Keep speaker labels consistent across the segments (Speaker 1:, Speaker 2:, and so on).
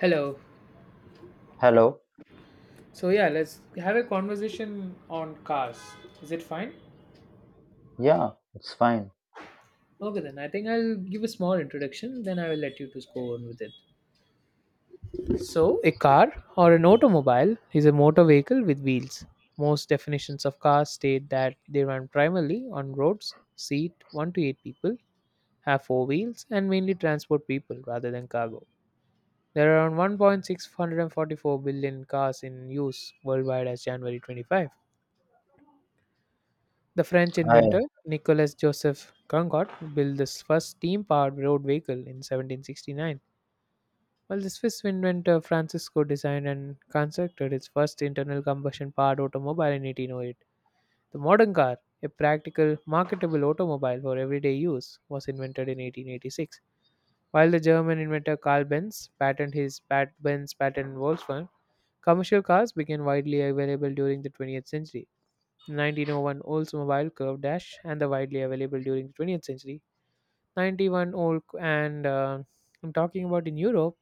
Speaker 1: Hello.
Speaker 2: Hello.
Speaker 1: So yeah, let's have a conversation on cars. Is it fine?
Speaker 2: Yeah, it's fine.
Speaker 1: Okay then. I think I'll give a small introduction, then I will let you to go on with it. So a car or an automobile is a motor vehicle with wheels. Most definitions of cars state that they run primarily on roads, seat one to eight people, have four wheels, and mainly transport people rather than cargo. There are around 1.644 billion cars in use worldwide as January 25th. The French
Speaker 2: I
Speaker 1: inventor Nicolas Joseph Congot built this first steam powered road vehicle in 1769, while the Swiss inventor Francisco designed and constructed its first internal combustion powered automobile in 1808. The modern car, a practical, marketable automobile for everyday use, was invented in 1886, while the German inventor Carl Benz patented his Pat Benz patent in Volkswagen. Commercial cars became widely available during the 20th century. 1901 Olds Mobile Curve Dash and the widely available during the 20th century. 91 Old and I'm talking about in Europe,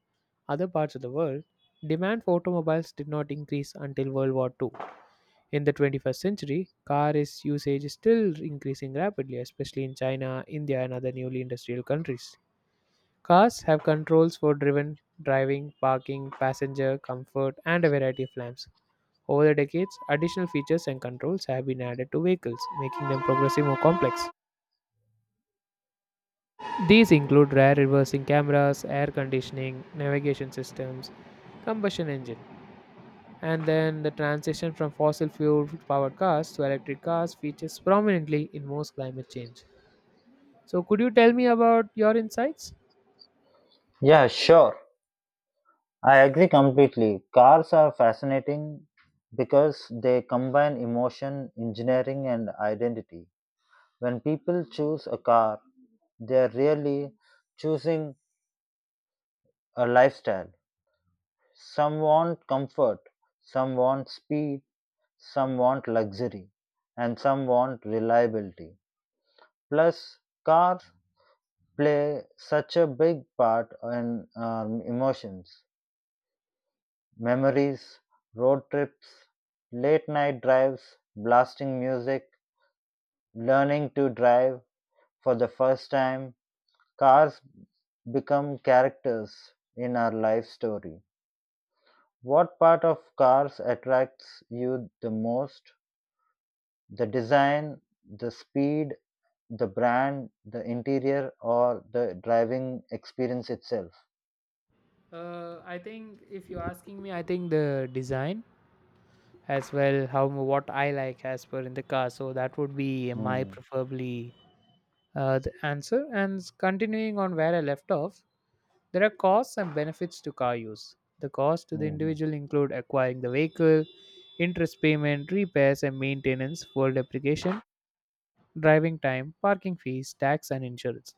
Speaker 1: other parts of the world, demand for automobiles did not increase until World War II. In the 21st century, car is usage is still increasing rapidly, especially in China, India, and other newly industrial countries. Cars have controls for driven, driving, parking, passenger comfort, and a variety of lamps. Over the decades, additional features and controls have been added to vehicles, making them progressively more complex. These include rear reversing cameras, air conditioning, navigation systems, combustion engine. And then the transition from fossil fuel powered cars to electric cars features prominently in most climate change. So, could you tell me about your insights?
Speaker 2: yeah, sure. I agree completely. Cars are fascinating because they combine emotion, engineering and identity. When people choose a car, they are really choosing a lifestyle. Some want comfort, some want speed, some want luxury, and some want reliability. Plus, cars play such a big part in emotions. Memories, road trips, late night drives, blasting music, learning to drive for the first time, cars become characters in our life story. What part of cars attracts you the most? The design, the speed, the brand, the interior, or the driving experience itself?
Speaker 1: I think if you're asking me, I think the design as well, how what I like as per in the car. So that would be my
Speaker 2: Mm-hmm.
Speaker 1: preferably the answer. And continuing on where I left off, there are costs and benefits to car use. The costs to the individual include acquiring the vehicle, interest payment, repairs and maintenance, full depreciation, driving time, parking fees, tax, and insurance.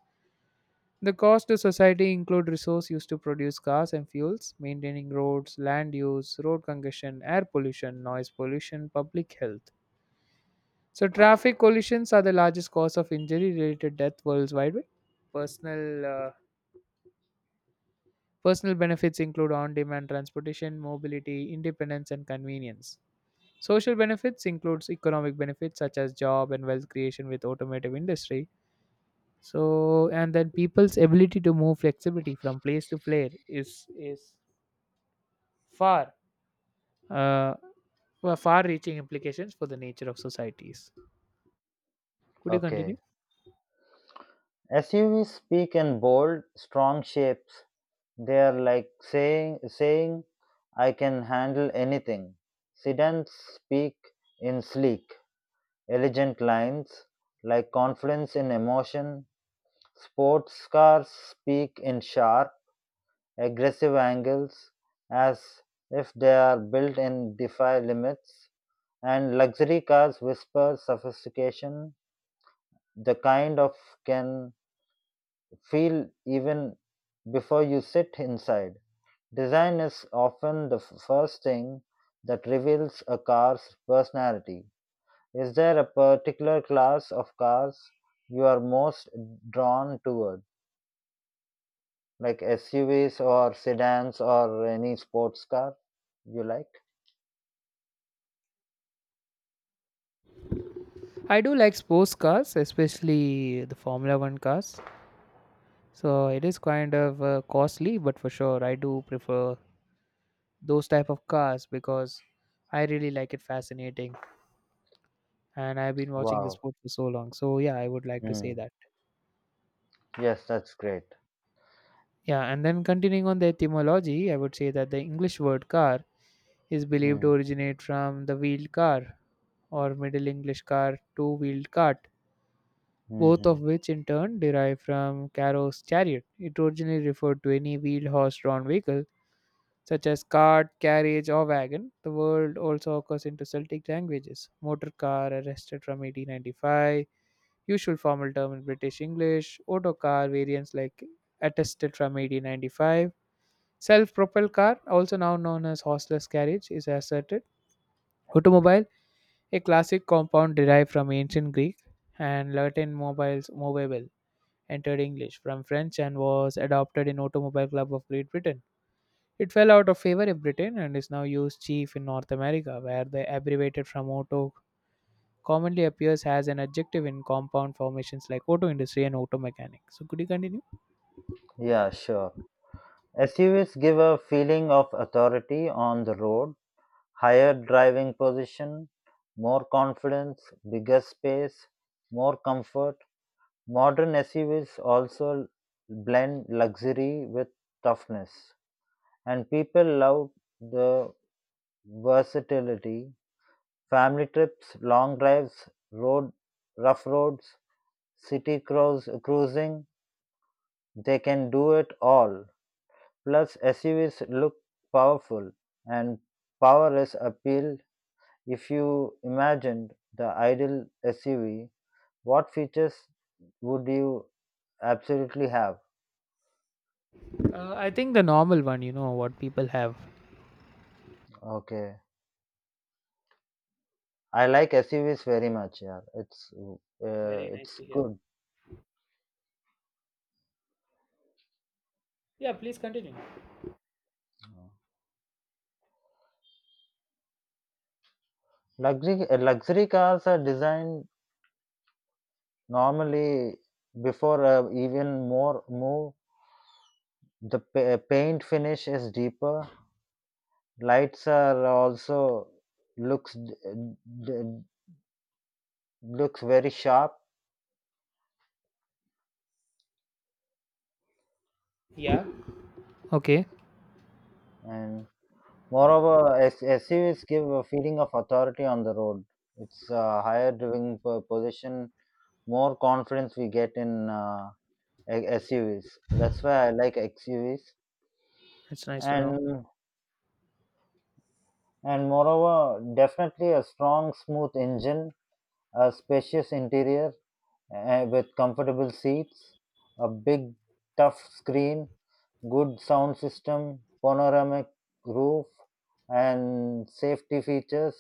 Speaker 1: The cost to society include resource used to produce cars and fuels, maintaining roads, land use, road congestion, air pollution, noise pollution, public health. So traffic collisions are the largest cause of injury related death worldwide. Personal uh, Personal benefits include on demand transportation, mobility, independence, and convenience. Social benefits includes economic benefits such as job and wealth creation with automotive industry. So and then people's ability to move flexibility from place to place is far uh, far reaching implications for the nature of societies. Could you continue?
Speaker 2: Okay. SUVs speak in bold, strong shapes. They are like saying, I can handle anything. Sedans speak in sleek, elegant lines, like confidence in emotion. Sports cars speak in sharp, aggressive angles, as if they are built in defy limits. And luxury cars whisper sophistication, the kind of can feel even before you sit inside. Design is often the first thing that reveals a car's personality. Is there a particular class of cars you are most drawn toward, like SUVs or sedans or any sports car you like?
Speaker 1: I do like sports cars, especially the Formula One cars. So it is kind of costly, but for sure, I do prefer those type of cars because I really like it fascinating and I've been watching the
Speaker 2: Wow.
Speaker 1: sport for so long. So yeah, I would like to say
Speaker 2: Mm.
Speaker 1: that.
Speaker 2: Yes, that's great.
Speaker 1: Yeah, and then continuing on the etymology, I would say that the English word car is believed to
Speaker 2: Mm.
Speaker 1: originate from the wheeled car or Middle English car, two wheeled cart, both
Speaker 2: Hmm.
Speaker 1: of which in turn derive from Caro's chariot. It originally referred to any wheeled horse drawn vehicle such as cart, carriage, or wagon. The word also occurs into Celtic languages. Motor car, arrested from 1895, usual formal term in British English. Auto car, variants like attested from 1895. Self-propelled car, also now known as horseless carriage, is asserted. Automobile, a classic compound derived from ancient Greek and Latin mobiles, movable, entered English from French and was adopted in Automobile Club of Great Britain. It fell out of favor in Britain and is now used chief in North America, where the abbreviated from auto commonly appears as an adjective in compound formations like auto industry and auto mechanic. So could you continue?
Speaker 2: Yeah, sure. SUVs give a feeling of authority on the road, higher driving position, more confidence, bigger space, more comfort. Modern SUVs also blend luxury with toughness, and people love the versatility. Family trips, long drives, road rough roads, city cruising, they can do it all. Plus, SUVs look powerful, and power is appeal. If you imagined the ideal SUV, what features would you absolutely have?
Speaker 1: I think the normal one, what people have.
Speaker 2: Okay, I like SUVs very much. Yeah, it's uh,
Speaker 1: Very nice
Speaker 2: it's
Speaker 1: to hear.
Speaker 2: good.
Speaker 1: Yeah, please continue.
Speaker 2: Luxury cars are designed normally before even more move. The paint finish is deeper. Lights are also looks d- looks very sharp,
Speaker 1: Yeah. Okay,
Speaker 2: and moreover, SUVs give a feeling of authority on the road. It's a higher driving position, more confidence we get in SUVs. That's why I like XUVs.
Speaker 1: that's nice to know.
Speaker 2: And and moreover, definitely a strong, smooth engine, a spacious interior with comfortable seats, a big, tough screen, good sound system, panoramic roof, and safety features.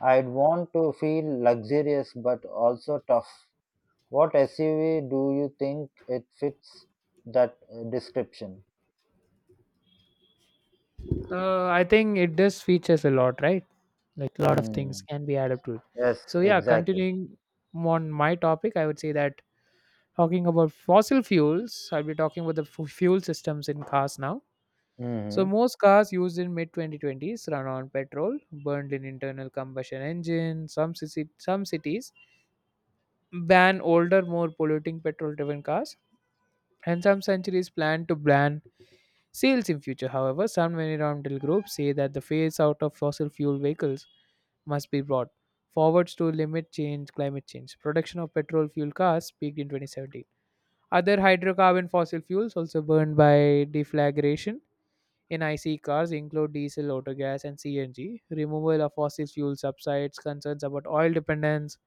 Speaker 2: I'd want to feel luxurious but also tough. What SUV do you think it fits that description?
Speaker 1: I think it does features a lot, right? Like a lot of things
Speaker 2: Hmm.
Speaker 1: can be added to it.
Speaker 2: Yes,
Speaker 1: So yeah,
Speaker 2: exactly.
Speaker 1: continuing on my topic, I would say that talking about fossil fuels, I'll be talking about the fuel systems in cars now. So
Speaker 2: Hmm.
Speaker 1: most cars used in mid 2020s run on petrol, burned in internal combustion engines. Some cities ban older, more polluting petrol-driven cars, and some centuries plan to ban sales in future. However, some environmental groups say that the phase out of fossil fuel vehicles must be brought forwards to limit change climate change. Production of petrol fuel cars peaked in 2017. Other hydrocarbon fossil fuels also burned by deflagration in IC cars include diesel, autogas, and CNG. Removal of fossil fuel subsides, concerns about oil dependence,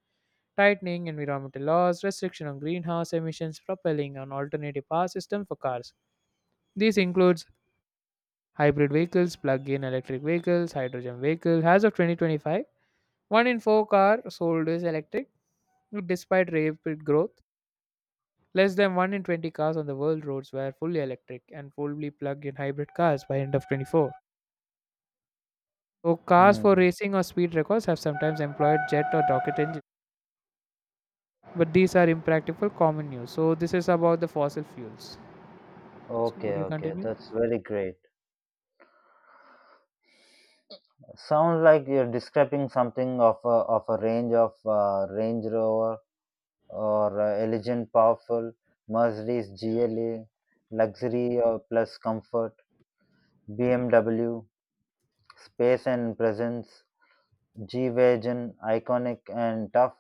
Speaker 1: tightening environmental laws, restriction on greenhouse emissions, propelling an alternative power system for cars. This includes hybrid vehicles, plug-in electric vehicles, hydrogen vehicles. As of 2025, one in four cars sold is electric, despite rapid growth. Less than 1 in 20 cars on the world roads were fully electric and fully plugged in hybrid cars by end of 24. So cars for
Speaker 2: Hmm.
Speaker 1: racing or speed records have sometimes employed jet or rocket engines, but these are impractical common use. So this is about the fossil fuels. So
Speaker 2: Okay,
Speaker 1: would you
Speaker 2: okay,
Speaker 1: continue?
Speaker 2: that's very great. Sound like you're describing something of a range of Range Rover or elegant, powerful Mercedes GLA, luxury plus comfort, BMW, space and presence, G-Wagon, iconic and tough,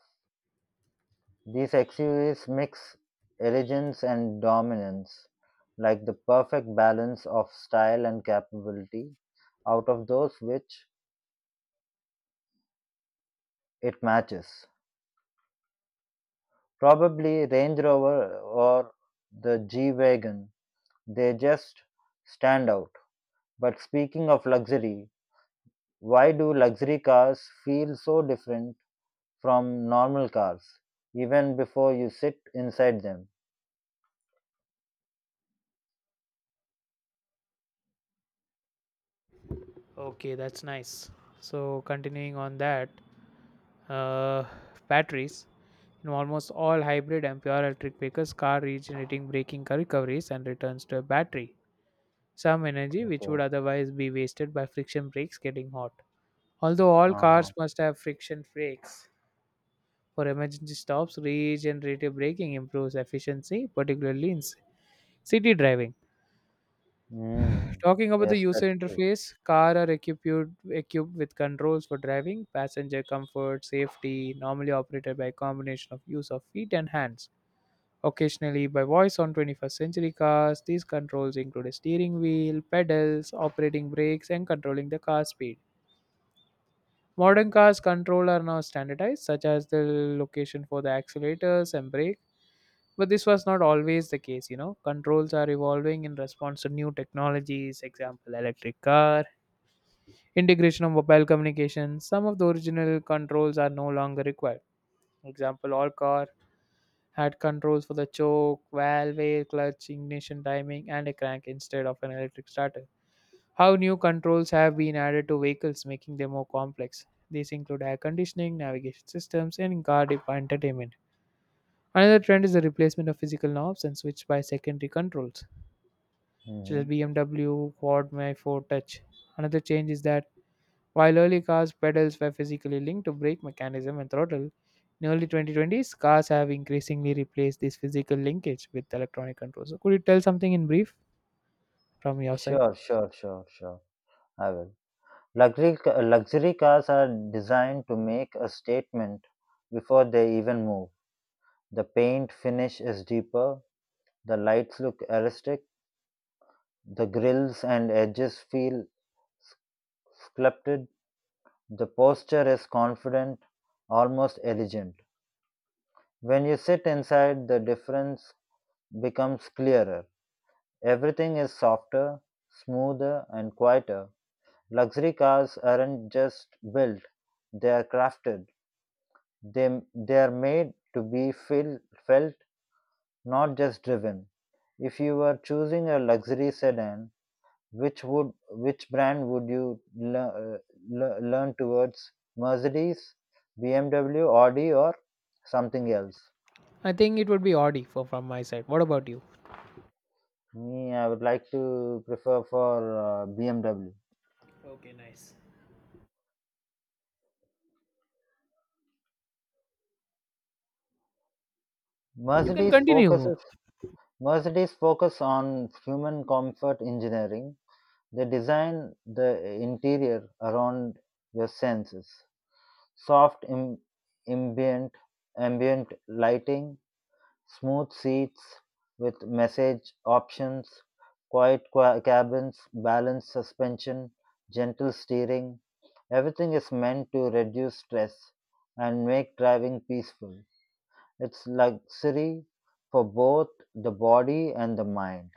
Speaker 2: these SUVs mix elegance and dominance, like the perfect balance of style and capability, out of those which it matches. Probably Range Rover or the G-Wagon, they just stand out. But speaking of luxury, why do luxury cars feel so different from normal cars, even before you sit inside them?
Speaker 1: Okay, that's nice. So continuing on that, uh, batteries in almost all hybrid and pure electric vehicles, car regenerating braking recoveries and returns to a battery, some energy which would
Speaker 2: Okay.
Speaker 1: otherwise be wasted by friction brakes getting hot. Although all cars
Speaker 2: Uh-huh.
Speaker 1: must have friction brakes for emergency stops, regenerative braking improves efficiency, particularly in city driving.
Speaker 2: Mm.
Speaker 1: Talking about the
Speaker 2: Yes,
Speaker 1: user
Speaker 2: that's true.
Speaker 1: interface, car are equipped with controls for driving, passenger comfort, safety, normally operated by a combination of use of feet and hands. Occasionally by voice on 21st century cars, these controls include a steering wheel, pedals, operating brakes, and controlling the car speed. Modern cars' control are now standardized, such as the location for the accelerators and brake. But this was not always the case. Controls are evolving in response to new technologies, example, electric car, integration of mobile communication. Some of the original controls are no longer required. Example, all car had controls for the choke, valve, clutch, ignition timing, and a crank instead of an electric starter. How new controls have been added to vehicles, making them more complex. These include air conditioning, navigation systems, and car entertainment. Another trend is the replacement of physical knobs and switch by secondary controls, such as
Speaker 2: Hmm.
Speaker 1: BMW Quad May 4 Touch. Another change is that while early cars' pedals were physically linked to brake mechanism and throttle, in early 2020s, cars have increasingly replaced this physical linkage with electronic controls. So could you tell something in brief from your side?
Speaker 2: Sure, sure, sure, sure. I will. Luxury cars are designed to make a statement before they even move. The paint finish is deeper, the lights look artistic, the grills and edges feel s- sculpted, the posture is confident, almost elegant. When you sit inside, the difference becomes clearer. Everything is softer, smoother, and quieter. Luxury cars aren't just built, they are crafted. They are made to be feel, felt, not just driven. If you were choosing a luxury sedan, which brand would you learn towards? Mercedes, BMW, Audi, or something else?
Speaker 1: I think it would be Audi for, from my side. What about you?
Speaker 2: Me, I would like to prefer for BMW.
Speaker 1: Okay, nice. You can
Speaker 2: Mercedes
Speaker 1: continue.
Speaker 2: focuses Mercedes focus on human comfort engineering. They design the interior around your senses. Soft ambient ambient lighting, smooth seats with message options, quiet cabins, balanced suspension, gentle steering. Everything is meant to reduce stress and make driving peaceful. It's luxury for both the body and the mind.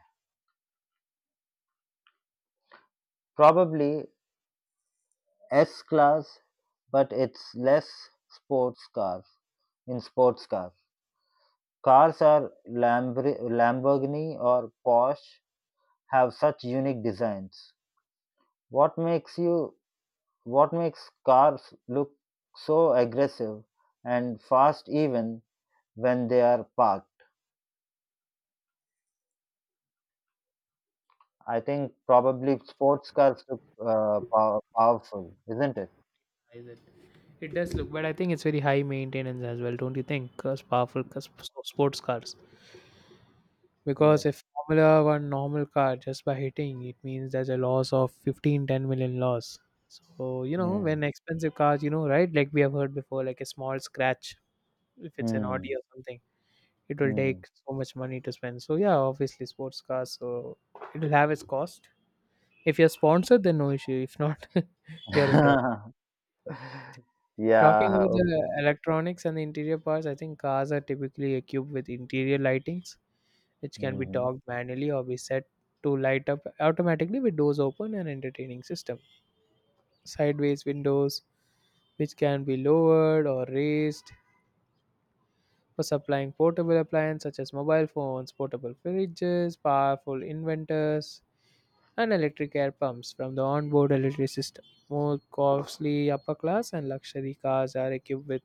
Speaker 2: Probably S-Class, but it's less sports car in sports cars. Cars are Lamborghini or Porsche have such unique designs. What makes you what makes cars look so aggressive and fast even when they are parked? I think probably sports cars look powerful, isn't it?
Speaker 1: It does look, but I think it's very high maintenance as well, don't you think? Because powerful cause sports cars. Because
Speaker 2: Yes.
Speaker 1: if Formula One normal car just by hitting, it means there's a loss of 15, 10 million loss. So
Speaker 2: Hmm.
Speaker 1: when expensive cars, right? Like we have heard before, like a small scratch, if it's an Audi
Speaker 2: Hmm.
Speaker 1: or something, it will
Speaker 2: Hmm.
Speaker 1: take so much money to spend. So, yeah, obviously, sports cars, so it will have its cost. If you're sponsored, then no issue. If not, you're in trouble. Talking
Speaker 2: Yeah.
Speaker 1: about the
Speaker 2: Okay.
Speaker 1: electronics and the interior parts, I think cars are typically equipped with interior lightings, which can be
Speaker 2: Mhm.
Speaker 1: docked manually or be set to light up automatically with doors open and entertaining system. Sideways windows, which can be lowered or raised for supplying portable appliances such as mobile phones, portable fridges, powerful inventors, and electric air pumps from the onboard electric system. More costly upper class and luxury cars are equipped with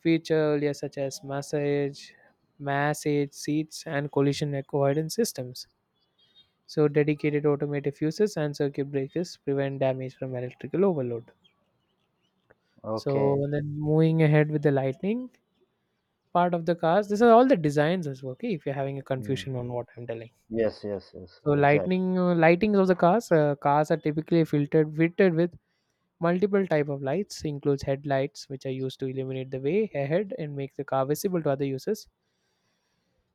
Speaker 1: feature earlier such as massage, seats, and collision avoidance systems. So dedicated automated fuses and circuit breakers prevent damage from electrical overload. So
Speaker 2: Okay.
Speaker 1: and then moving ahead with the lightning part of the cars, this are all the designs as well. Okay, if you're having a
Speaker 2: Mm.
Speaker 1: confusion on what I'm telling.
Speaker 2: Yes, yes, yes,
Speaker 1: So
Speaker 2: exactly.
Speaker 1: lightning lightings of the cars, cars are typically filtered fitted with multiple type of lights includes headlights which are used to illuminate the way ahead and make the car visible to other users,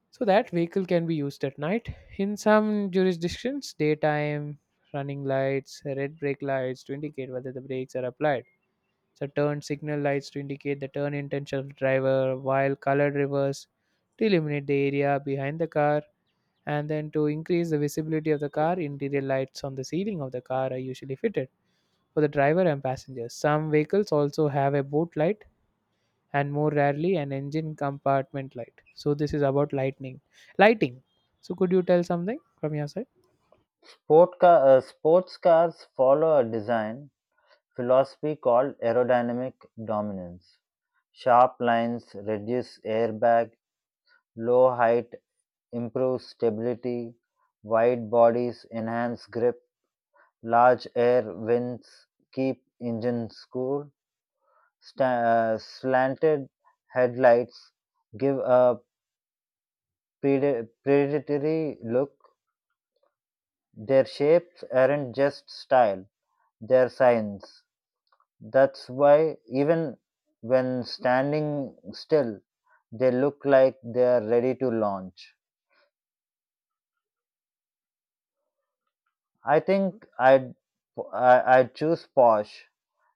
Speaker 1: so that vehicle can be used at night. In some jurisdictions, daytime running lights, red brake lights to indicate whether the brakes are applied. So turn signal lights to indicate the turn intention of the driver, while colored reverse to illuminate the area behind the car. And then to increase the visibility of the car, interior lights on the ceiling of the car are usually fitted for the driver and passengers. Some vehicles also have a boot light and more rarely an engine compartment light. So this is about lighting. So could you tell something from your side?
Speaker 2: Sports cars follow a design philosophy called aerodynamic dominance. Sharp lines reduce airbag, low height improves stability, wide bodies enhance grip, large air vents keep engines cool, sta- slanted headlights give a predatory look. Their shapes aren't just style, they're signs. That's why, even when standing still, they look like they're ready to launch. I think I'd choose Porsche.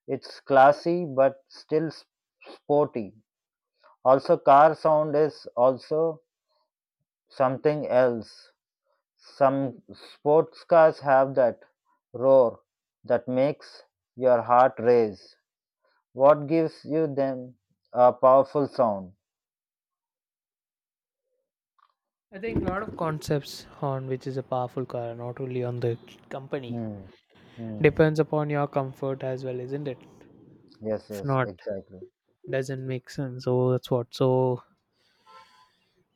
Speaker 2: It's classy but still sporty. Also, car sound is also something else. Some sports cars have that roar that makes your heart race. What gives you them a powerful sound?
Speaker 1: I think a lot of concepts on which is a powerful car, not only on the company,
Speaker 2: Hmm. Hmm.
Speaker 1: depends upon your comfort as well, isn't it?
Speaker 2: Yes,
Speaker 1: If
Speaker 2: yes,
Speaker 1: not,
Speaker 2: exactly.
Speaker 1: doesn't make sense. So that's what. So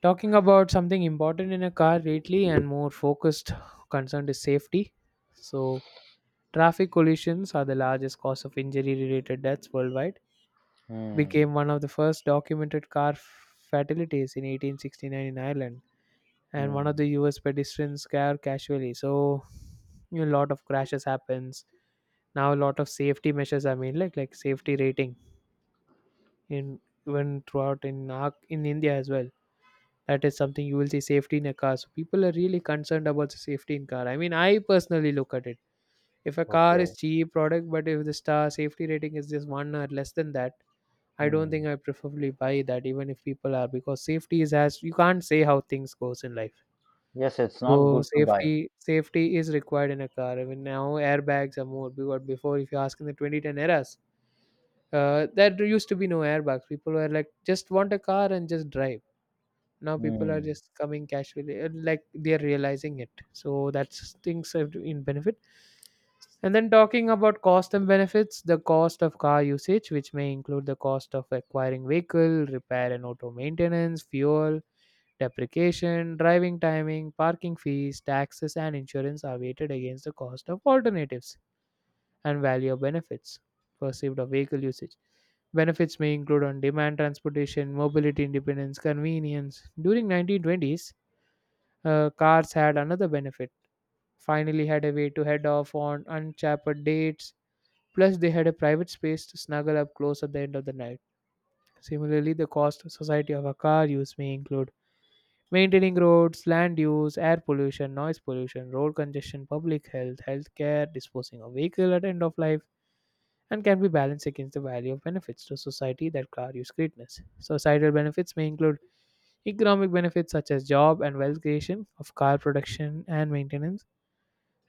Speaker 1: talking about something important in a car lately and more focused concerned is safety. So traffic collisions are the largest cause of injury-related deaths worldwide
Speaker 2: Hmm.
Speaker 1: became one of the first documented car fatalities in 1869 in Ireland and one of the
Speaker 2: Hmm.
Speaker 1: US pedestrians car casually. So you know, a lot of crashes happens. Now a lot of safety measures are made like safety rating in even throughout in in India as well. That is something you will see safety in a car. So people are really concerned about the safety in car. I mean, I personally look at it. If a car is
Speaker 2: Okay.
Speaker 1: cheap product but if the star safety rating is just one or less than that, I don't
Speaker 2: Hmm.
Speaker 1: think I preferably buy that even if people are, because safety is, as you can't say how things goes in life.
Speaker 2: Yes, it's not
Speaker 1: So
Speaker 2: good to buy.
Speaker 1: safety is required in a car. Even now airbags are more because before if you ask in the 2010 eras, there used to be no airbags. People were like just want a car and just drive. Now people are
Speaker 2: Hmm.
Speaker 1: just coming casually, like they're realizing it. So that's things are in benefit. And then talking about cost and benefits, the cost of car usage, which may include the cost of acquiring vehicle, repair and auto maintenance, fuel, depreciation, driving timing, parking fees, taxes, and insurance are weighted against the cost of alternatives and value of benefits perceived of vehicle usage. Benefits may include on-demand transportation, mobility independence, convenience. During 1920s, cars had another benefit. Finally, had a way to head off on unchaperoned dates. Plus, they had a private space to snuggle up close at the end of the night. Similarly, the cost to society of a car use may include maintaining roads, land use, air pollution, noise pollution, road congestion, public health, healthcare, disposing of vehicle at end of life, and can be balanced against the value of benefits to society that car use greatness. Societal benefits may include economic benefits such as job and wealth creation of car production and maintenance,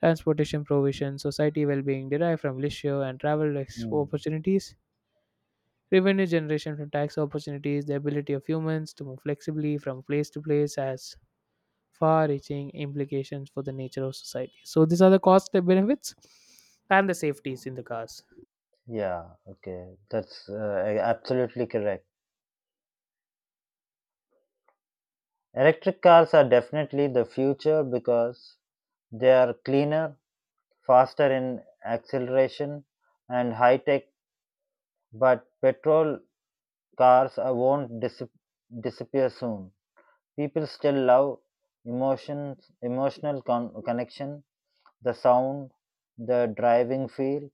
Speaker 1: transportation provision, society well-being derived from leisure and travel
Speaker 2: Hmm.
Speaker 1: opportunities, revenue generation from tax opportunities. The ability of humans to move flexibly from place to place has far reaching implications for the nature of society. So these are the cost and benefits and the safeties in the cars.
Speaker 2: Yeah, okay. That's absolutely correct. Electric cars are definitely the future because they are cleaner, faster in acceleration, and high tech, but petrol cars won't disappear soon. People still love emotional connection, the sound, the driving feel.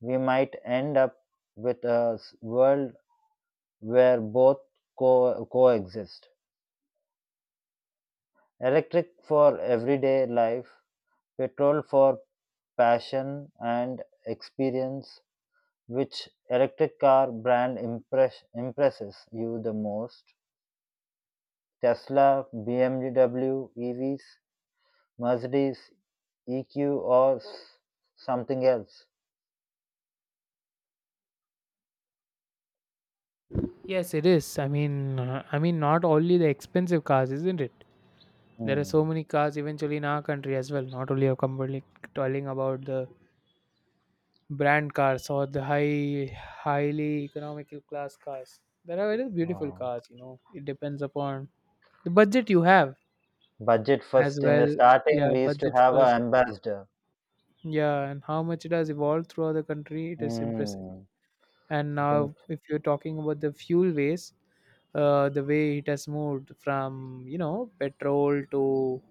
Speaker 2: We might end up with a world where both coexist. Electric for everyday life, petrol for passion and experience. Which electric car brand impresses you the most? Tesla, BMW, EVs, Mercedes, EQ or something else.
Speaker 1: Yes, it is. I mean, not only the expensive cars, isn't it? There are so
Speaker 2: Hmm.
Speaker 1: many cars eventually in our country as well. Not only are company telling about the brand cars or the highly economical class cars. There are very beautiful
Speaker 2: Wow.
Speaker 1: cars. You know, it depends upon the budget you have
Speaker 2: Budget
Speaker 1: as
Speaker 2: first. In the
Speaker 1: well.
Speaker 2: starting,
Speaker 1: Yeah,
Speaker 2: we used to
Speaker 1: budget
Speaker 2: have
Speaker 1: first.
Speaker 2: an ambassador.
Speaker 1: Yeah, and how much it has evolved throughout the country, it is impressive.
Speaker 2: Hmm.
Speaker 1: And now,
Speaker 2: Think-
Speaker 1: if you're talking about the fuel waste, the way it has moved from, you know, petrol to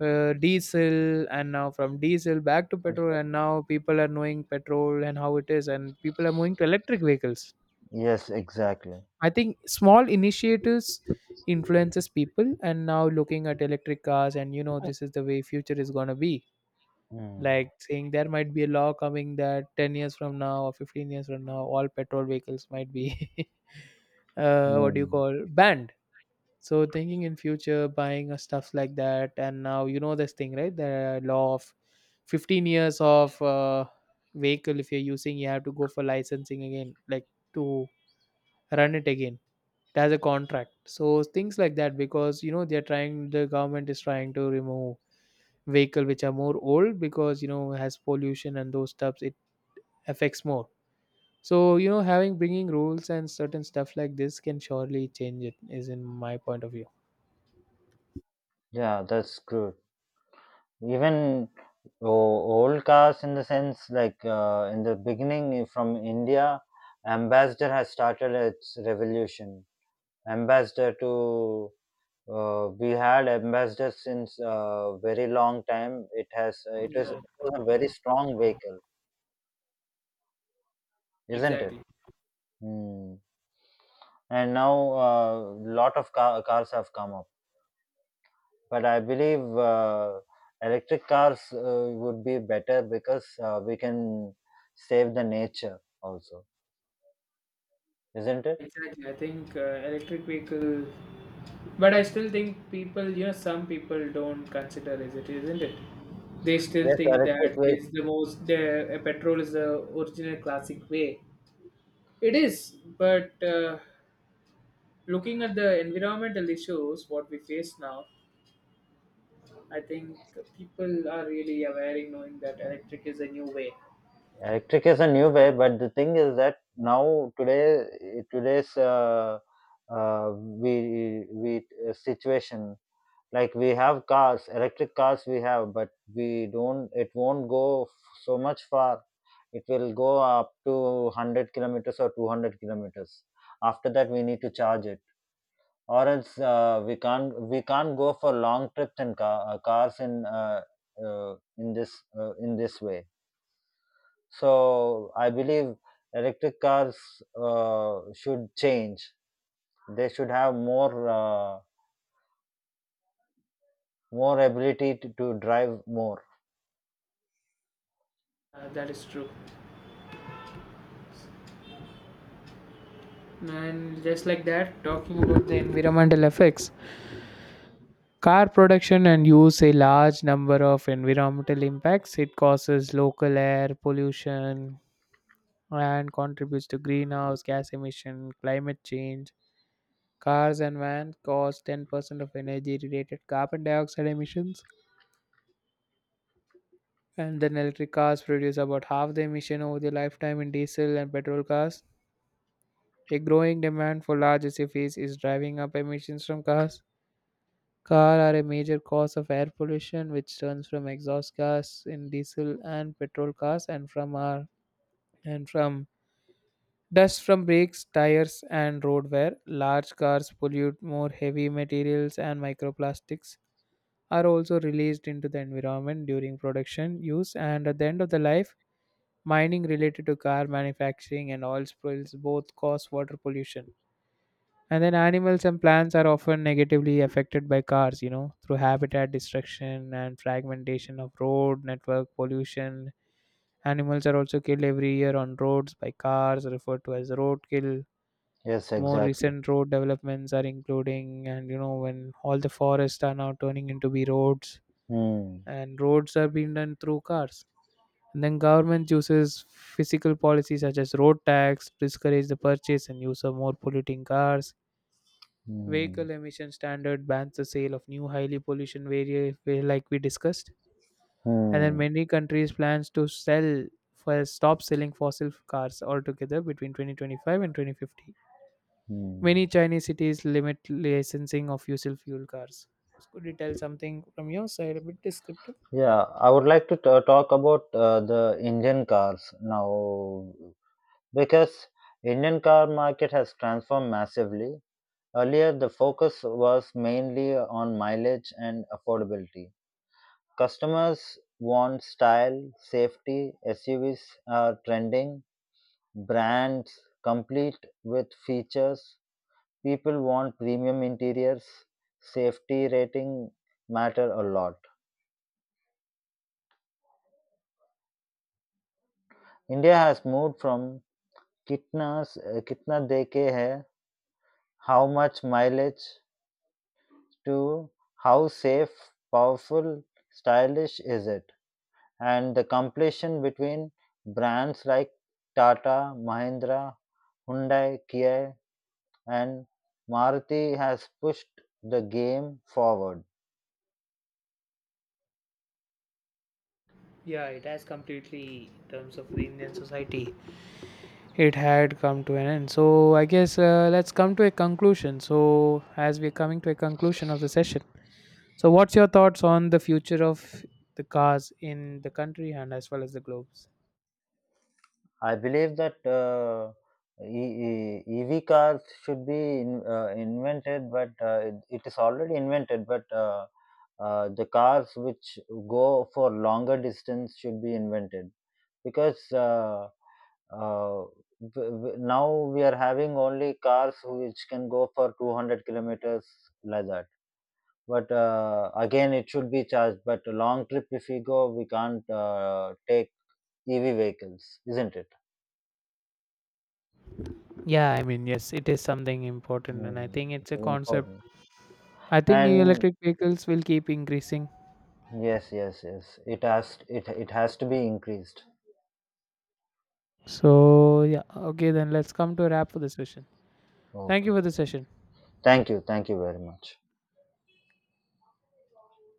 Speaker 1: diesel, and now from diesel back to petrol, and now people are knowing petrol and how it is, and people are moving to electric vehicles.
Speaker 2: Yes, exactly.
Speaker 1: I think small initiatives influences people, and now looking at electric cars, and you know this is the way future is gonna be,
Speaker 2: Hmm.
Speaker 1: like saying there might be a law coming that 10 years from now or 15 years from now all petrol vehicles might be what do you
Speaker 2: Hmm.
Speaker 1: call banned. So thinking in future buying stuff like that, and now you know this thing right, the law of 15 years of vehicle, if you're using you have to go for licensing again, like to run it again, it has a contract. So things like that, because you know they're trying, the government is trying to remove vehicle which are more old, because you know has pollution and those stuffs, it affects more. So you know, having bringing rules and certain stuff like this can surely change, it is in my point of view.
Speaker 2: Yeah, that's good. Even old cars, in the sense, like in the beginning from India, ambassador has started its revolution. Ambassador to we had ambassador since very long time. It is
Speaker 1: Yeah,
Speaker 2: a very strong vehicle, isn't it?
Speaker 1: exactly.
Speaker 2: Hmm. And now a lot of cars have come up, but I believe electric cars would be better because we can save the nature also, isn't it?
Speaker 1: Exactly. I think electric vehicle, but I still think people, you know, some people don't consider is it, isn't it? They still
Speaker 2: Yes,
Speaker 1: think
Speaker 2: electric
Speaker 1: that
Speaker 2: ve-
Speaker 1: it's the most. The petrol is the original classic way. It is, but looking at the environmental issues what we face now, I think people are really aware in knowing that electric is a new way.
Speaker 2: Electric is a new way, but the thing is that now today today's we situation, like we have cars, electric cars we have, but we don't. It won't go so much far. It will go up to 100 kilometers or 200 kilometers. After that, we need to charge it, or else we can't go for long trips in cars, in this way. So I believe electric cars should change. They should have more ability to drive more.
Speaker 1: That is true. And just like that, talking about the environmental effects, car production and use a large number of environmental impacts. It causes local air pollution and contributes to greenhouse gas emission, climate change. Cars and vans cause 10% of energy related carbon dioxide emissions, and then electric cars produce about half the emission over their lifetime in diesel and petrol cars. A growing demand for larger cities is driving up emissions from cars. Cars are a major cause of air pollution, which turns from exhaust gas in diesel and petrol cars and from our and from dust from brakes, tires, and road wear. Large cars pollute more heavy materials, and microplastics are also released into the environment during production use and at the end of the life. Mining related to car manufacturing and oil spills both cause water pollution, and then animals and plants are often negatively affected by cars, you know, through habitat destruction and fragmentation of road network pollution. Animals are also killed every year on roads by cars, referred to as road kill.
Speaker 2: Yes,
Speaker 1: More
Speaker 2: exactly.
Speaker 1: recent road developments are including, and you know, when all the forests are now turning into be roads
Speaker 2: Hmm.
Speaker 1: and roads are being done through cars. And then government uses physical policies such as road tax, to discourage the purchase and use of more polluting cars.
Speaker 2: Hmm.
Speaker 1: Vehicle emission standard bans the sale of new highly pollution like we discussed. And then
Speaker 2: Hmm.
Speaker 1: many countries plans to sell for stop selling fossil cars altogether between 2025 and 2050.
Speaker 2: Hmm.
Speaker 1: Many Chinese cities limit licensing of fossil fuel cars. Could you tell something from your side, a bit descriptive?
Speaker 2: Yeah, I would like to talk about the Indian cars now because Indian car market has transformed massively. Earlier, the focus was mainly on mileage and affordability. Customers want style, safety, SUVs are trending, brands complete with features. People want premium interiors, safety rating matter a lot. India has moved from kitna kitna deke hai, how much mileage, to how safe, powerful, stylish is it? And the competition between brands like Tata, Mahindra, Hyundai, Kia and Maruti has pushed the game forward.
Speaker 1: Yeah, it has completely, in terms of the Indian society, it had come to an end. So I guess, let's come to a conclusion. So, as we're coming to a conclusion of the session, so what's your thoughts on the future of the cars in the country and as well as the globes?
Speaker 2: I believe that EV cars should be invented, but it, is already invented. But the cars which go for longer distance should be invented because uh, now we are having only cars which can go for 200 kilometers like that. But again, it should be charged. But a long trip, if we go, we can't take EV vehicles, isn't it?
Speaker 1: Yeah, I mean, yes, it is something important, and I
Speaker 2: Mm,
Speaker 1: think it's
Speaker 2: it's
Speaker 1: a concept.
Speaker 2: important.
Speaker 1: I think
Speaker 2: And
Speaker 1: electric vehicles will keep increasing.
Speaker 2: yes, yes, yes. It has to be increased.
Speaker 1: So, yeah, okay, then let's come to a wrap for the session. Thank you
Speaker 2: Okay.
Speaker 1: for the session.
Speaker 2: Thank you. Thank you very much.